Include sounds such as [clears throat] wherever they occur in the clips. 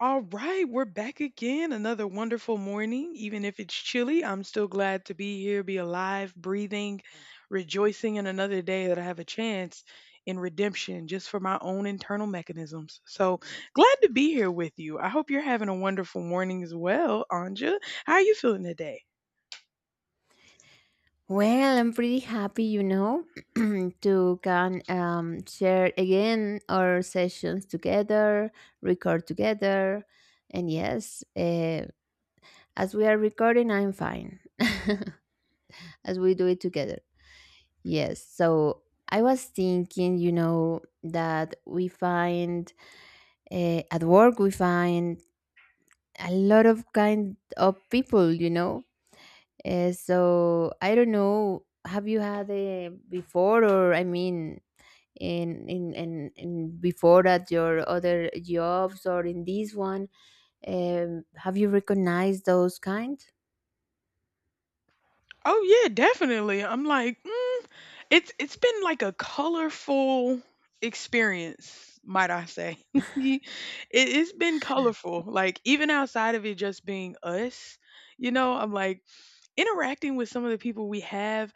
All right, we're back again. Another wonderful morning. Even if it's chilly, I'm still glad to be here, be alive, breathing, rejoicing in another day that I have a chance in redemption just for my own internal mechanisms. So glad to be here with you. I hope you're having a wonderful morning as well, Anja. How are you feeling today? Well, I'm pretty happy, you know, [clears throat] to can share again our sessions together, record together, and yes, as we are recording, I'm fine. [laughs] As we do it together, yes. So I was thinking, you know, that we find at work we find a lot of kind of people, you know. So I don't know. Have you had before, or I mean, in before that your other jobs or in this one have you recognized those kind. Oh, yeah, definitely. I'm like, mm. It's been like a colorful experience, might I say. [laughs] It it's been colorful, like, even outside of it just being us, I'm like, interacting with some of the people we have,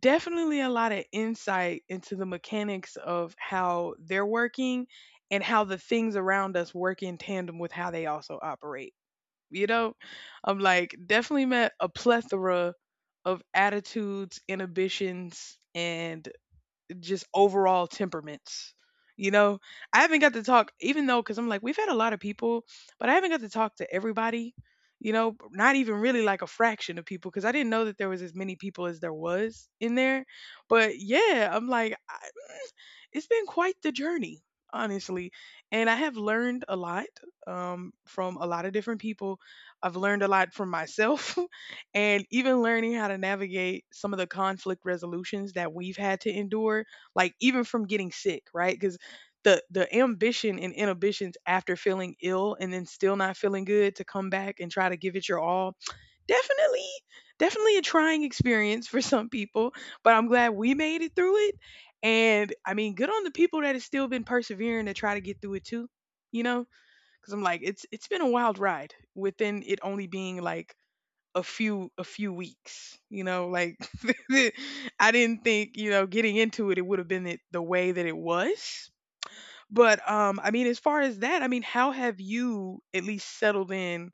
definitely a lot of insight into the mechanics of how they're working and how the things around us work in tandem with how they also operate, you know? I'm like, definitely met a plethora of attitudes, inhibitions, and just overall temperaments. You know, I haven't got to talk, even though, because I'm like, we've had a lot of people, but I haven't got to talk to everybody, not even really like a fraction of people, because I didn't know that there was as many people as there was in there. But yeah, I'm like, I, mm, it's been quite the journey, honestly. And I have learned a lot from a lot of different people. I've learned a lot from myself. [laughs] And even learning how to navigate some of the conflict resolutions that we've had to endure, like even from getting sick, right? Because the ambition and inhibitions after feeling ill and then still not feeling good to come back and try to give it your all, definitely definitely a trying experience for some people, but I'm glad we made it through it. And I mean, good on the people that have still been persevering to try to get through it too you know because I'm like, it's been a wild ride, within it only being like a few weeks. [laughs] I didn't think, getting into it would have been it the way that it was. But I mean, as far as that, I mean, how have you at least settled in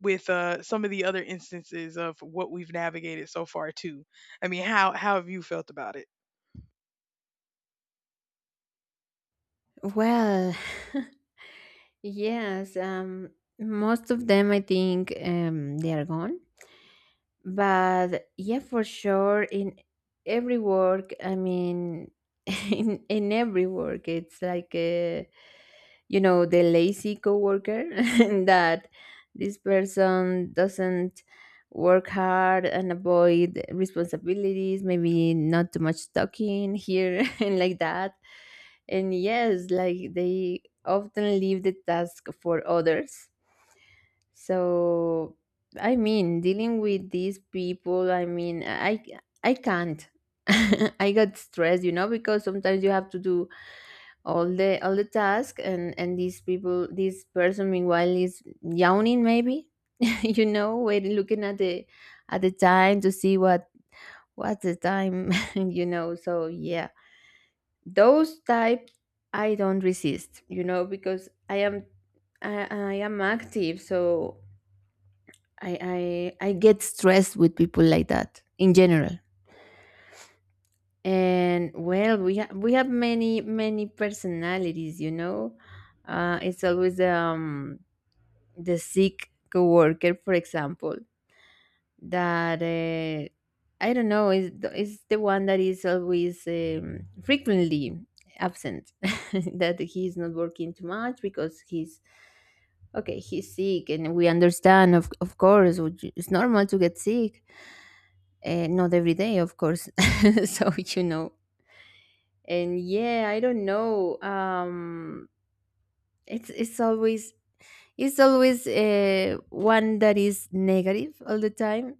with some of the other instances of what we've navigated so far too? I mean, how have you felt about it? Well, [laughs] yes, most of them, I think, they are gone. But yeah, for sure, in every work, I mean, [laughs] in every work, it's like a, the lazy coworker. [laughs] That this person doesn't work hard and avoid responsibilities, maybe not too much talking here, [laughs] and like that. And yes, like, they often leave the task for others. So I mean, dealing with these people, I mean, I can't. [laughs] I got stressed, you know, because sometimes you have to do all the task, and these people this person meanwhile is yawning maybe, [laughs] you know, waiting, looking at the, at the time to see what's the time. [laughs] You know, so yeah, those type, I don't resist, you know, because I am active. So I get stressed with people like that in general. And well, we have many, many personalities, you know. It's always, the sick coworker, for example, that, I don't know, is the one that is always, frequently absent, [laughs] that he's not working too much because he's, okay, he's sick, and we understand, of course, which it's normal to get sick, not every day, of course. [laughs] So, you know, and yeah, I don't know, it's it's always it's always one that is negative all the time.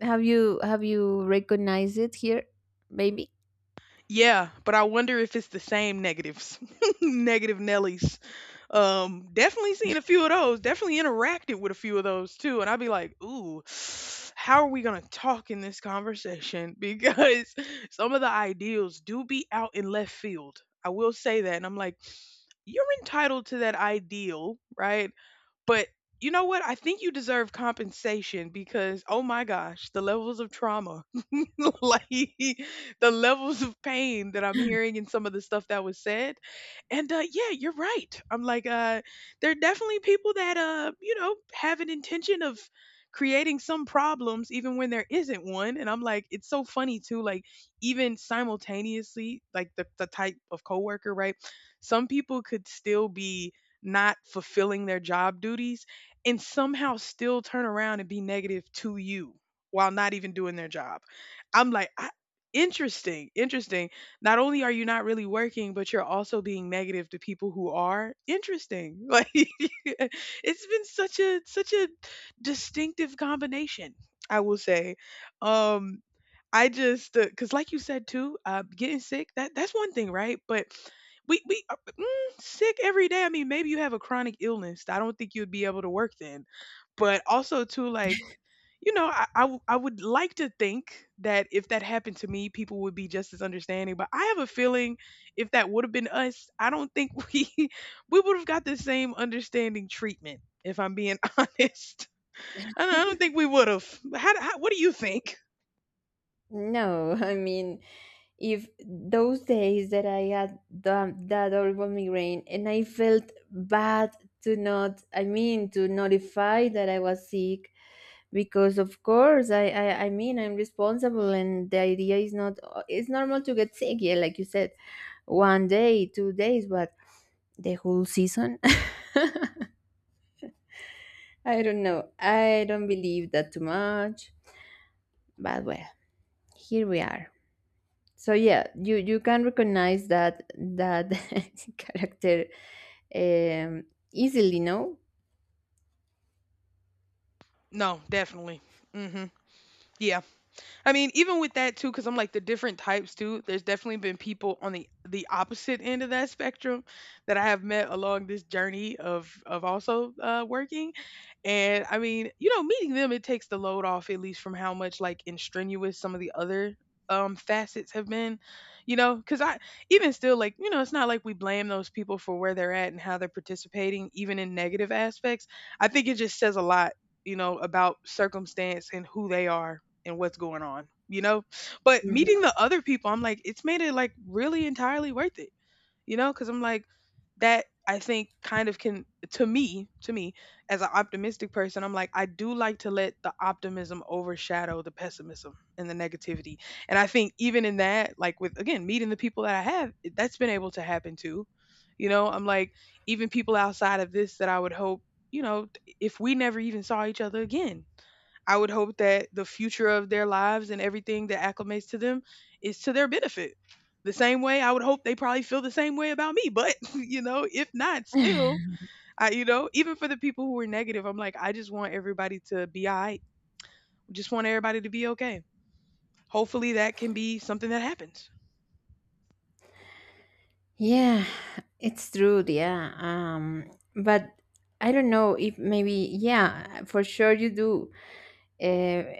Have you recognized it here, maybe? Yeah, but I wonder if it's the same negatives, [laughs] negative Nellies. Definitely seen a few of those. Definitely interacted with a few of those too, and I'd be like, "Ooh, [sighs] how are we gonna talk in this conversation?" [laughs] Because some of the ideals do be out in left field. I will say that, and I'm like, "You're entitled to that ideal, right? But you know what? I think you deserve compensation because oh my gosh, the levels of trauma, [laughs] like the levels of pain that I'm [gasps] hearing in some of the stuff that was said. And yeah, you're right. I'm like, there are definitely people that have an intention of creating some problems even when there isn't one. And I'm like, it's so funny too. Like even simultaneously, like the type of coworker, right? Some people could still be not fulfilling their job duties and somehow still turn around and be negative to you while not even doing their job. I'm like, interesting, interesting. Not only are you not really working, but you're also being negative to people who are interesting. [laughs] Like it's been such a distinctive combination, I will say. Um I just cause like you said too, getting sick, that's one thing, right? But we sick every day. I mean, maybe you have a chronic illness. I don't think you'd be able to work then. But also too, like I would like to think that if that happened to me, people would be just as understanding. But I have a feeling if that would have been us, I don't think [laughs] we would have got the same understanding treatment. If I'm being [laughs] honest, I don't think we would have. How, what do you think? No, [laughs] I mean, if those days that I had that horrible migraine and I felt bad to not, I mean, to notify that I was sick, because, of course, I mean, I'm responsible, and the idea is not, it's normal to get sick. Yeah, like you said, one day, 2 days, but the whole season, [laughs] I don't know. I don't believe that too much, but well, here we are. So yeah, you can recognize that [laughs] character, um easily, no? No, definitely. Hmm. Yeah. I mean, even with that too, because I'm like the different types too, there's definitely been people on the opposite end of that spectrum that I have met along this journey of also working. And I mean, meeting them, it takes the load off, at least from how much like and strenuous some of the other facets have been, because I, even still like, it's not like we blame those people for where they're at and how they're participating, even in negative aspects. I think it just says a lot, about circumstance and who they are and what's going on, you know? But Mhm. meeting the other people, I'm like, it's made it like really entirely worth it, you know? Because I'm like, that I think kind of can, to me, to me, as an optimistic person, I'm like, I do like to let the optimism overshadow the pessimism and the negativity. And I think even in that, like with, again, meeting the people that I have, that's been able to happen too. I'm like, even people outside of this that I would hope, if we never even saw each other again, I would hope that the future of their lives and everything that acclimates to them is to their benefit. The same way I would hope they probably feel the same way about me. But, [laughs] if not, still, [laughs] even for the people who are negative, I'm like, I just want everybody to be all right. Just want everybody to be okay. Hopefully that can be something that happens. Yeah, it's true. Yeah, but I don't know, if maybe, yeah, for sure you do.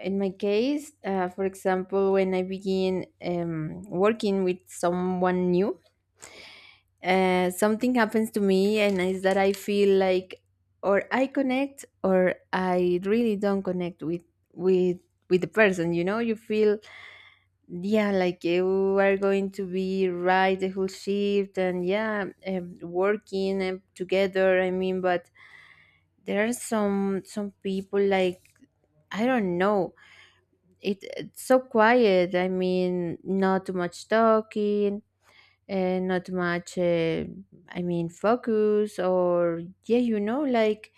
In my case, for example, when I begin, working with someone new, something happens to me, and is that I feel like, or I connect, or I really don't connect with, with with the person, you know, you feel, yeah, like you are going to be right the whole shift and yeah, working, together. I mean, but there are some people like, I don't know, it's so quiet. I mean, not too much talking, not much, I mean, focus or, yeah, you know, like,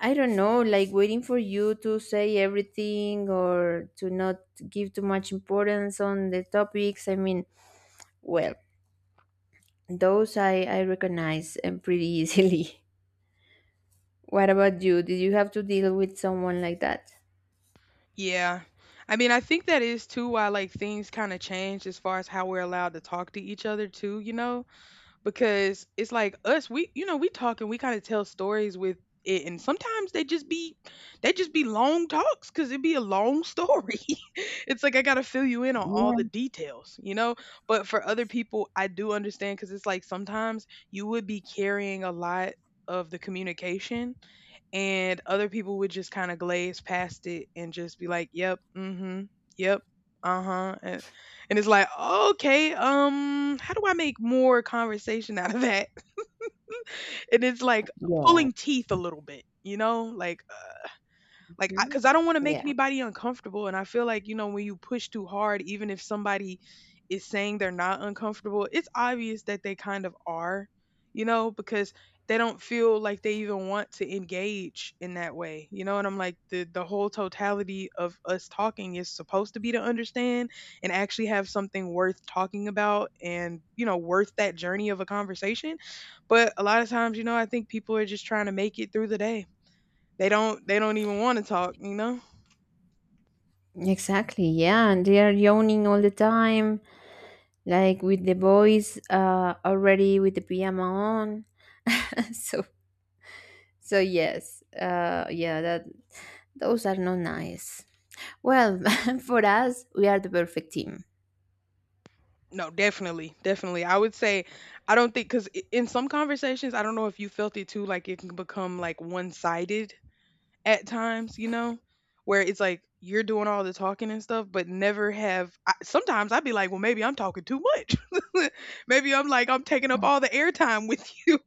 I don't know, like, waiting for you to say everything, or to not give too much importance on the topics, I mean, well, those I recognize, and pretty easily. [laughs] What about you, did you have to deal with someone like that? Yeah. I mean, I think that is too why like things kind of change as far as how we're allowed to talk to each other too, you know? Because it's like us, we you know we talk, and we kind of tell stories with it, and sometimes they just be long talks because it'd be a long story. [laughs] It's like I gotta fill you in on all the details. But for other people, I do understand because it's like sometimes you would be carrying a lot of the communication, and other people would just kind of glaze past it and just be like, "Yep, mm-hmm, yep, uh-huh," and it's like, "Okay, how do I make more conversation out of that?" [laughs] And it's like Yeah. pulling teeth a little bit, like, Mhm. because I don't want to make Yeah, anybody uncomfortable. And I feel like, when you push too hard, even if somebody is saying they're not uncomfortable, it's obvious that they kind of are, because they don't feel like they even want to engage in that way. And I'm like, the whole totality of us talking is supposed to be to understand and actually have something worth talking about and worth that journey of a conversation. But a lot of times, I think people are just trying to make it through the day. They don't even want to talk, you know? exactly. Yeah, and they are yawning all the time, like with the boys, already with the pyjama on. [laughs] so so yes, yeah, that those are not nice. Well, [laughs] for us, we are the perfect team. No, definitely. Definitely. I would say I don't think cuz in some conversations, I don't know if you felt it too, like it can become like one-sided at times, you know? Where it's like you're doing all the talking and stuff, but never have. Sometimes I'd be like, well, maybe I'm talking too much. [laughs] Maybe I'm like, I'm taking up all the airtime with you.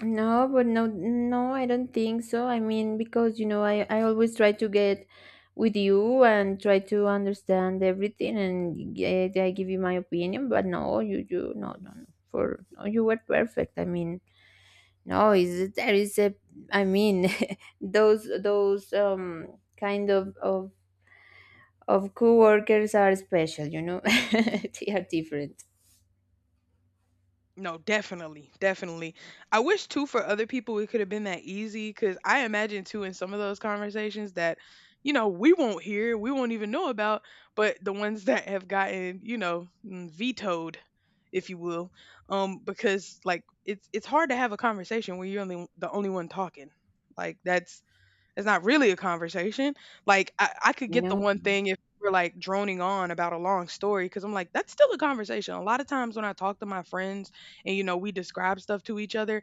No, but no, no, I don't think so, I mean, because, you know, I always try to get with you and try to understand everything and I give you my opinion, but no, you no, no, no, for no, you were perfect, I mean, no, is there is a, I mean, [laughs] those kind of coworkers are special, you know. [laughs] They are different. No, definitely, definitely. I wish too for other people it could have been that easy because I imagine too in some of those conversations that, we won't hear, we won't even know about, but the ones that have gotten, vetoed, if you will, because like it's hard to have a conversation where you're only the only one talking. Like, that's, it's not really a conversation. Like, I could get the No. one thing if we're like droning on about a long story, because I'm like, that's still a conversation. A lot of times when I talk to my friends and we describe stuff to each other,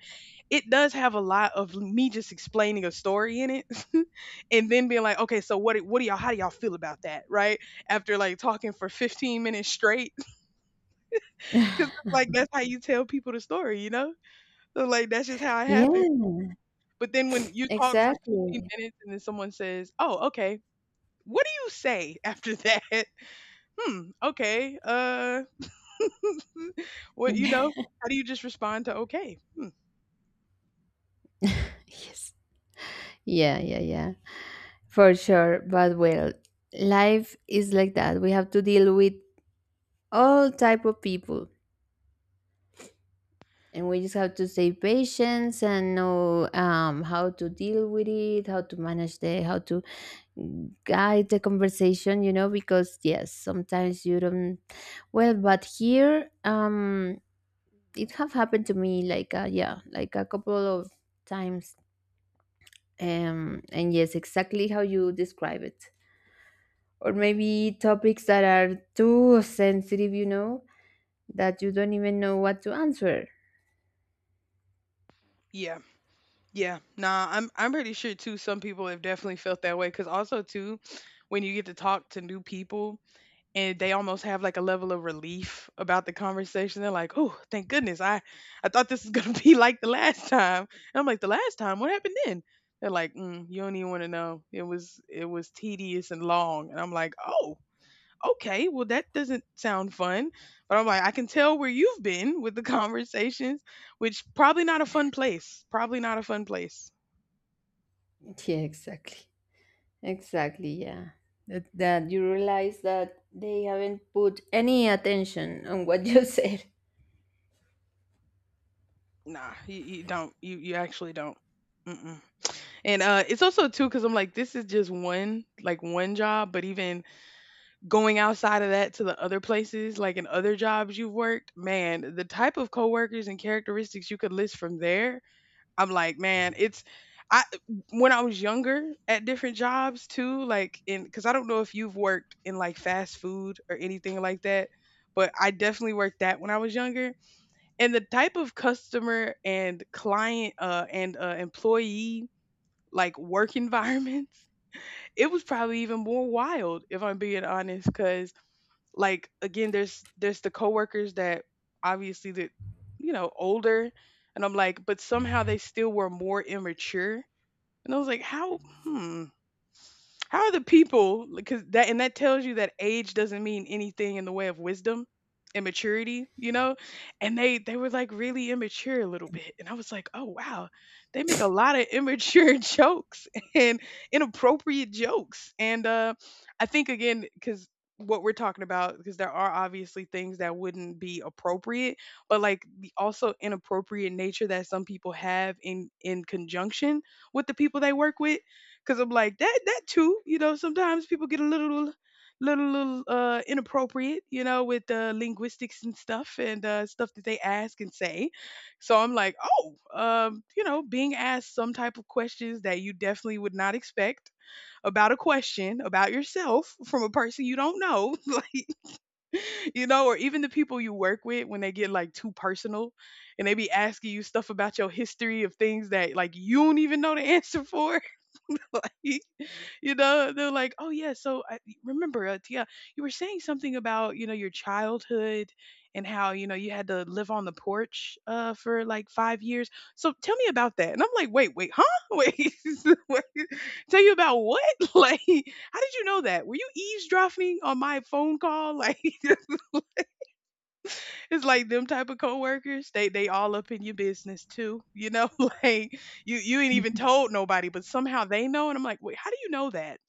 it does have a lot of me just explaining a story in it. [laughs] And then being like, okay, so how do y'all feel about that? Right. After like talking for 15 minutes straight, [laughs] [laughs] because like that's how you tell people the story, you know? So, like, that's just how it Yeah, happens. But then when you talk for 15 exactly. minutes and then someone says, oh, okay, what do you say after that? [laughs] Hmm, okay. [laughs] What you Yeah. know, how do you just respond to okay? Hmm. [laughs] Yes, yeah, yeah, yeah, for sure, but well, life is like that. We have to deal with all type of people, and we just have to stay patient, and know, how to deal with it, how to guide the conversation, you know, because, yes, sometimes you don't. Well, but here, it have happened to me, like, yeah, like a couple of times, and yes, exactly how you describe it. Or maybe topics that are too sensitive, you know, that you don't even know what to answer. Yeah. Yeah. Nah, I'm pretty sure too some people have definitely felt that way cuz also too when you get to talk to new people and they almost have like a level of relief about the conversation. They're like, "Oh, thank goodness. I thought this was going to [laughs] be like the last time." And I'm like, "The last time? What happened then?" They're like, mm, "You don't even want to know. It was tedious and long." And I'm like, "Oh, okay, well, that doesn't sound fun. But I'm like, I can tell where you've been with the [laughs] conversations, which probably not a fun place. Probably not a fun place. Yeah, exactly, exactly. Yeah, that you realize that they haven't put any attention on what you [laughs] said. Nah, you don't. You actually don't. Mm-mm. And it's also too because I'm like, this is just one like one job, but even going outside of that to the other places, like in other jobs you've worked, man, the type of coworkers and characteristics you could list from there I'm like, man, it's I when I was younger at different jobs too, like in because I don't know if you've worked in like fast food or anything like that, but I definitely worked that when I was younger. And the type of customer and client and employee like work environments, [laughs] it was probably even more wild if I'm being honest, because like again there's the coworkers that obviously that you know older, and I'm like, but somehow they still were more immature. And I was like, hmm how are the people? Because that and that tells you that age doesn't mean anything in the way of wisdom and maturity, you know? And they were like really immature a little bit. And I was like, "Oh wow. They make a lot of immature [laughs] jokes and inappropriate jokes." And I think again cuz what we're talking about, because there are obviously things that wouldn't be appropriate, but like the also inappropriate nature that some people have in conjunction with the people they work with. Cause I'm like that too, you know, sometimes people get a little inappropriate, you know, with linguistics and stuff that they ask and say. So I'm like, oh, you know, being asked some type of questions that you definitely would not expect about a question about yourself from a person you don't know, [laughs] like you know, or even the people you work with when they get like too personal and they be asking you stuff about your history of things that like you don't even know the answer for. [laughs] Like, you know, they're like, oh yeah, so I remember, Tia, you were saying something about, you know, your childhood and how, you know, you had to live on the porch for like 5 years, so tell me about that. And I'm like, wait, huh? [laughs] Wait, [laughs] wait tell you about what? [laughs] Like, how did you know that? Were you eavesdropping on my phone call? [laughs] Like, it's like them type of coworkers, they all up in your business too, you know? [laughs] Like, you ain't even told nobody, but somehow they know. And I'm like, wait, how do you know that?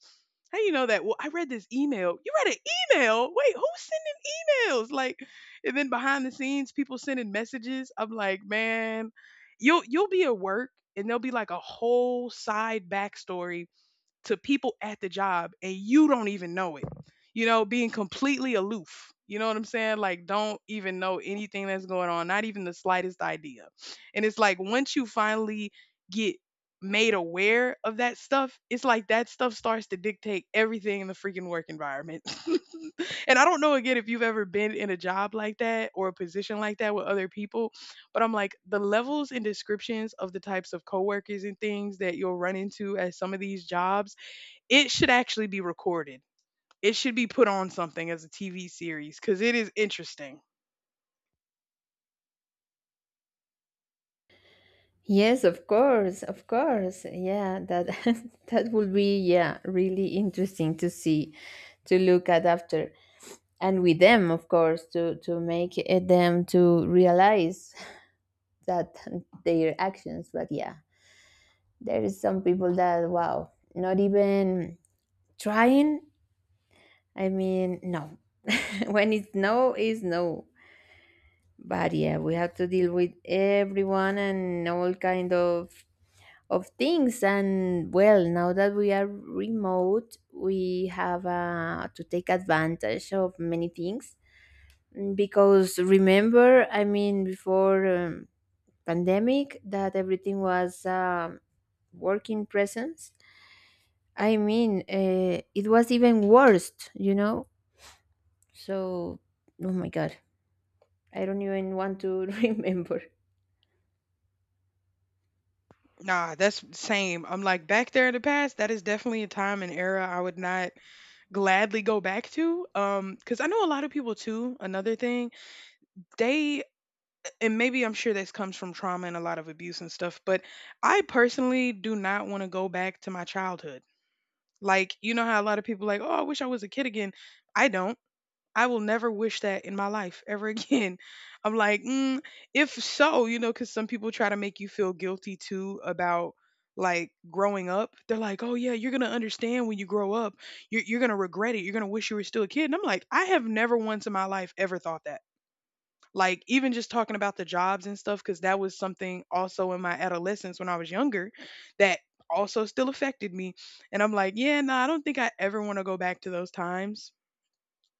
How you know that? Well, I read this email. You read an email? Wait, who's sending emails? Like, and then behind the scenes, people sending messages. I'm like, man, you'll be at work and there'll be like a whole side backstory to people at the job and you don't even know it. You know, being completely aloof. You know what I'm saying? Like, don't even know anything that's going on, not even the slightest idea. And it's like once you finally get made aware of that stuff, it's like that stuff starts to dictate everything in the freaking work environment. [laughs] And I don't know again if you've ever been in a job like that or a position like that with other people, but I'm like, the levels and descriptions of the types of coworkers and things that you'll run into at some of these jobs, it should actually be recorded. It should be put on something as a TV series because it is interesting. Yes, of course, of course. Yeah, that [laughs] that would be, yeah, really interesting to see, to look at after, and with them, of course, to make it them to realize [laughs] that, their actions. But yeah, there is some people that, wow, not even trying. I mean, no. [laughs] When it's no, is no. But yeah, we have to deal with everyone, and all kind of things. And well, now that we are remote, we have, to take advantage of many things. Because, remember, I mean, before, pandemic, that everything was, working presence, I mean, it was even worse, you know. So, oh my God, I don't even want to [laughs] remember. Nah, that's same. I'm like, back there in the past. That is definitely a time and era I would not gladly go back to. Because I know a lot of people too. Another thing, they and maybe I'm sure this comes from trauma and a lot of abuse and stuff. But I personally do not want to go back to my childhood. Like, you know how a lot of people like, oh, I wish I was a kid again. I don't. I will never wish that in my life ever again. [laughs] I'm like, mm, if so, you know, because some people try to make you feel guilty too about like growing up. They're like, oh yeah, you're gonna understand when you grow up. You're gonna regret it. You're gonna wish you were still a kid. And I'm like, I have never once in my life ever thought that. Like, even just talking about the jobs and stuff, because that was something also in my adolescence when I was younger that also still affected me. And I'm like, yeah, no, I don't think I ever want to go back to those times.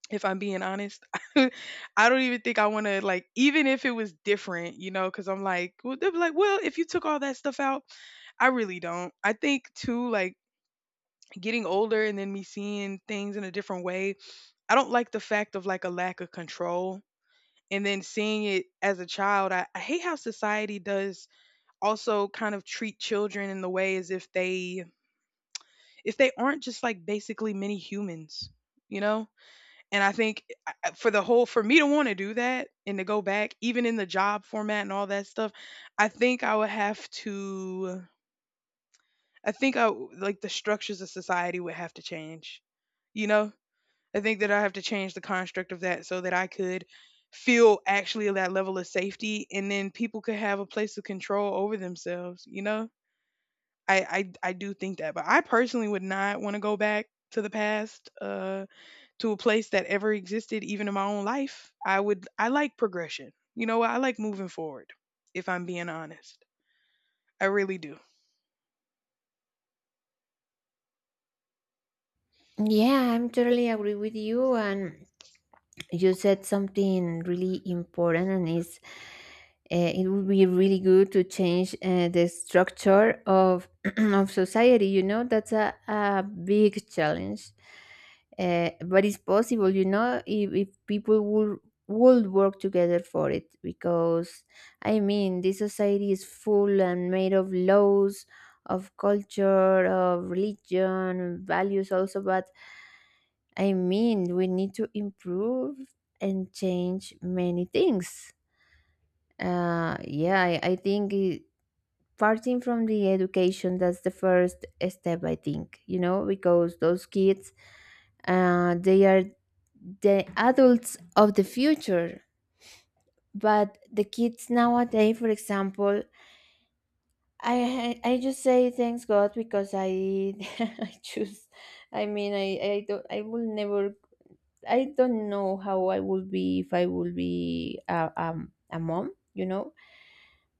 If I'm being honest, [laughs] I don't even think I want to, like, even if it was different, you know, because I'm like, well, they'll be like, well, if you took all that stuff out, I really don't. I think too, like, getting older and then me seeing things in a different way. I don't like the fact of like a lack of control. And then seeing it as a child, I hate how society does also kind of treat children in the way as if they, if they aren't just like basically mini humans, you know? And I think I for the whole, for me to wanna do that and to go back, even in the job format and all that stuff, I think I would have to, I think I w like, the structures of society would have to change, you know? I think that I have to change the construct of that so that I could feel actually that level of safety, and then people could have a place of control over themselves, you know? I I do think that, but I personally would not wanna go back to the past, to a place that ever existed even in my own life. I would, I like progression, you know, what I like, moving forward, if I'm being honest. I really do. Yeah, I'm totally agree with you, and you said something really important, and is, it would be really good to change, the structure of [clears throat] of society, you know. That's a big challenge. But it's possible, you know, if people would work together for it. Because, I mean, this society is full and made of laws, of culture, of religion, values also. But I mean, we need to improve and change many things. Yeah, I think parting from the education, that's the first step, I think, you know, because those kids, they are the adults of the future. But the kids nowadays, for example, I just say thanks God, because I [laughs] I choose. I mean, I don't, I will never, I don't know how I would be if I would be a mom, you know,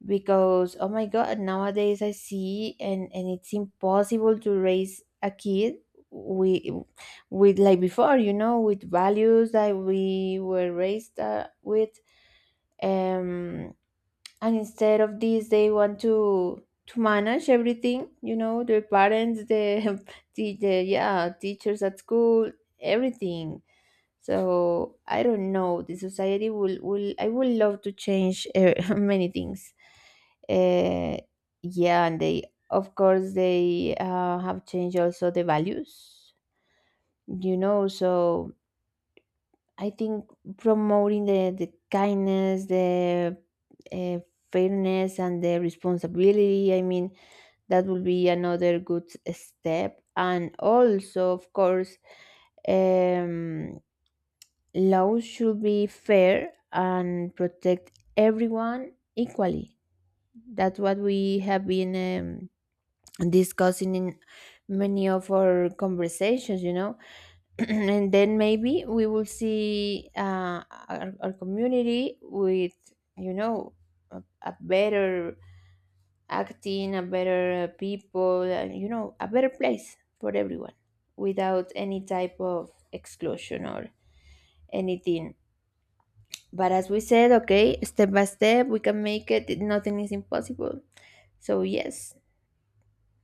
because, oh my God, nowadays I see, and it's impossible to raise a kid with, with like before, you know, with values that we were raised with. Um, and instead of this, they want to manage everything, you know, their parents, the, [laughs] the, yeah, teachers at school, everything. So I don't know, the society will, I would love to change, [laughs] many things. Uh, yeah, and they, of course, they have changed also the values, you know. So I think, promoting the kindness, the, uh, fairness, and the responsibility. I mean, that will be another good step. And also, of course, um, laws should be fair and protect everyone equally. That's what we have been, discussing in many of our conversations, you know. [clears throat] And then, maybe we will see, our community with, you know, a better acting, a better, people, and, you know, a better place for everyone, without any type of exclusion or anything. But, as we said, okay, step by step, we can make it. Nothing is impossible. So, yes,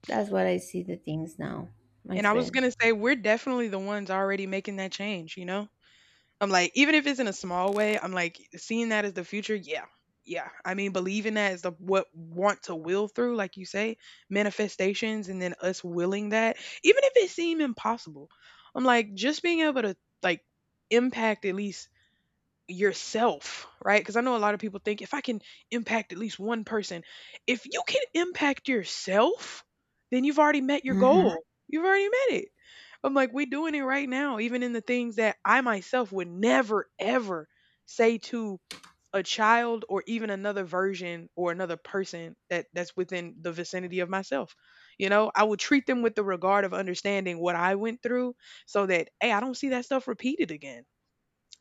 that's what I see the things now, my And I was friend. gonna say, we're definitely the ones already making that change, you know? I'm like, even if it's in a small way, I'm like, seeing that as the future. Yeah. Yeah, I mean, believing that is the what want to will through, like you say, manifestations and then us willing that, even if it seem impossible. I'm like, just being able to, like, impact at least yourself, right? Because I know a lot of people think, if I can impact at least one person, if you can impact yourself, then you've already met your Hmm. goal. You've already met it. I'm like, we're doing it right now, even in the things that I myself would never, ever say to a child or even another version or another person that that's within the vicinity of myself. You know, I would treat them with the regard of understanding what I went through so that, hey, I don't see that stuff repeated again.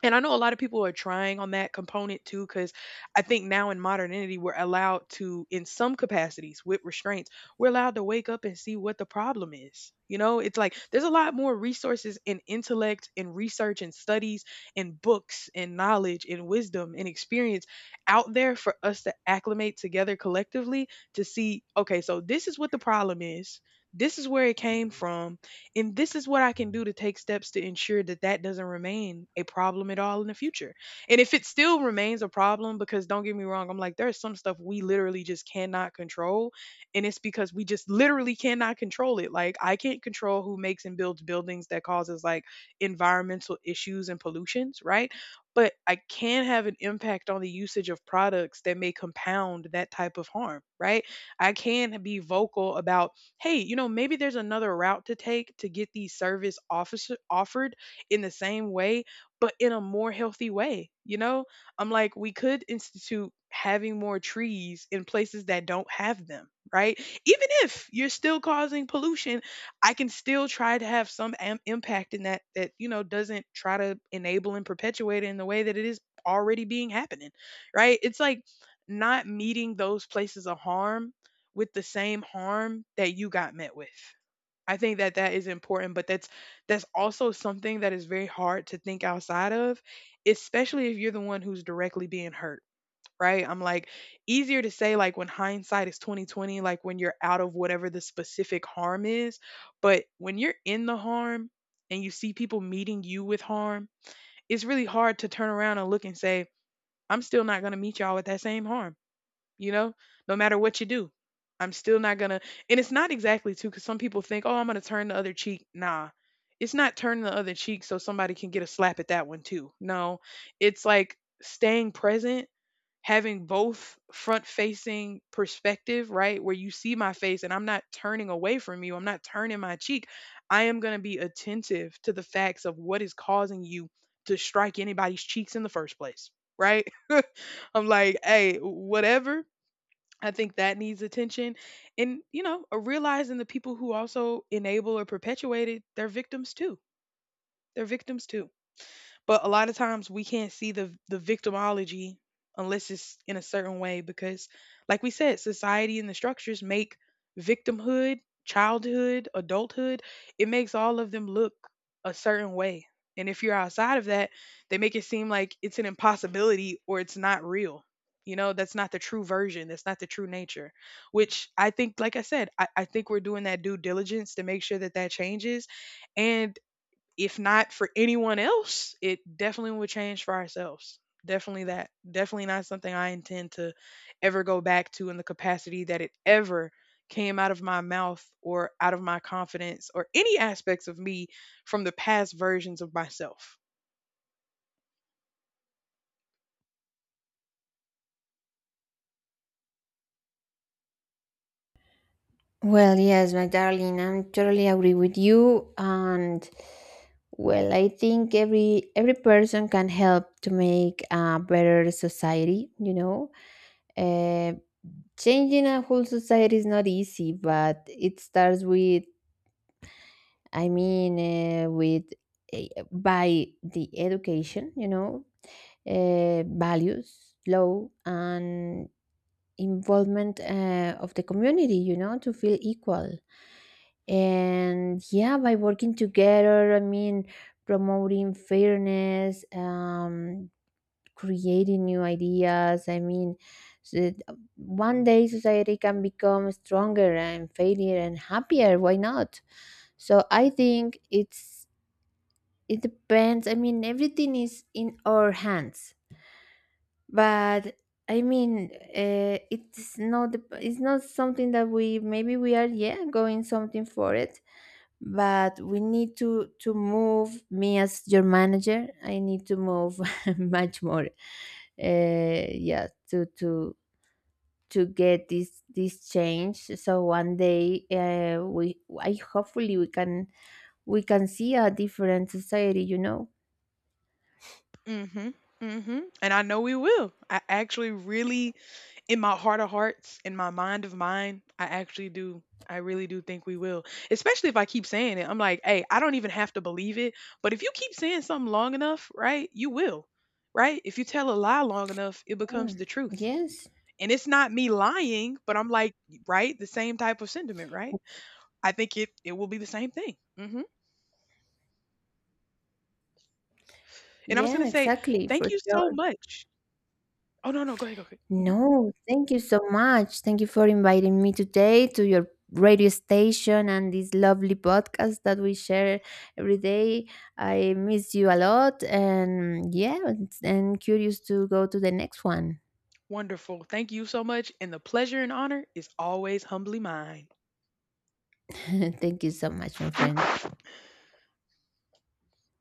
And I know a lot of people are trying on that component too, because I think now in modernity, we're allowed to, in some capacities with restraints, we're allowed to wake up and see what the problem is. You know, it's like there's a lot more resources and intellect and research and studies and books and knowledge and wisdom and experience out there for us to acclimate together collectively to see, okay, so this is what the problem is. This is where it came from and this is what I can do to take steps to ensure that that doesn't remain a problem at all in the future. And if it still remains a problem, because don't get me wrong, I'm like, there's some stuff we literally just cannot control. And it's because we just literally cannot control it. Like, I can't control who makes and builds buildings that causes like environmental issues and pollutions, right? But I can have an impact on the usage of products that may compound that type of harm, right? I can be vocal about, hey, maybe there's another route to take to get these service officer offered in the same way, but in a more healthy way. I'm like, we could institute having more trees in places that don't have them, right? Even if you're still causing pollution, I can still try to have some impact in that doesn't try to enable and perpetuate it in the way that it is already being happening, right? It's like not meeting those places of harm with the same harm that you got met with. I think that that is important, but that's also something that is very hard to think outside of, especially if you're the one who's directly being hurt, right? I'm like, easier to say, like, when hindsight is 2020, like when you're out of whatever the specific harm is, but when you're in the harm and you see people meeting you with harm, it's really hard to turn around and look and say, I'm still not going to meet y'all with that same harm, you know no matter what you do. I'm still not gonna. And it's not exactly, too, because some people think, oh, I'm gonna turn the other cheek. Nah, it's not turning the other cheek so somebody can get a slap at that one too. No, it's like staying present, having both front facing perspective, right? Where you see my face and I'm not turning away from you, I'm not turning my cheek. I am going to be attentive to the facts of what is causing you to strike anybody's cheeks in the first place, right? [laughs] I'm like, hey, whatever I think that needs attention. And, realizing the people who also enable or perpetuate it, they're victims too. They're victims too. But a lot of times we can't see the victimology unless it's in a certain way because like we said, society and the structures make victimhood, childhood, adulthood, it makes all of them look a certain way. And if you're outside of that, they make it seem like it's an impossibility or it's not real. That's not the true version. That's not the true nature, which I think, like I said, I think we're doing that due diligence to make sure that that changes. And if not for anyone else, it definitely would change for ourselves. Definitely that. Definitely not something I intend to ever go back to in the capacity that it ever came out of my mouth or out of my confidence or any aspects of me from the past versions of myself. Well, yes, my darling, I'm totally agree with you. And well, I think every person can help to make a better society. You know, uh, changing a whole society is not easy, but it starts with, I mean, with, by the education, you know, values, law, and involvement, of the community, you know, to feel equal. And yeah, by working together, I mean, promoting fairness, creating new ideas. I mean, so that, one day society can become stronger and failure and happier. Why not? So I think it depends. I mean, everything is in our hands, but I mean, it's not the- it's not something that we maybe we are, yeah, going something for it, but we need to move. Me as your manager, I need to move [laughs] much more. Yeah, to get this change. So one day, we I hopefully we can see a different society, you know. Mhm. Mhm. And I know we will. I actually really, in my heart of hearts, in my mind of mine, I actually do. I really do think we will. Especially if I keep saying it. I'm like, "Hey, I don't even have to believe it, but if you keep saying something long enough, right? You will." Right? If you tell a lie long enough, it Yeah. becomes the truth. Yes. And it's not me lying, but I'm like, right? The same type of sentiment, right? I think it will be the same thing. Mhm. And I was going Yeah, to say, exactly, "Thank for you so sure. much." Oh, no, no. Go ahead. Go ahead. No, thank you so much. Thank you for inviting me today to your radio station, and this lovely podcast that we share every day. I miss you a lot, and yeah, and curious to go to the next one. Wonderful. Thank you so much. And the pleasure and honor is always humbly mine. [laughs] Thank you so much, my friend.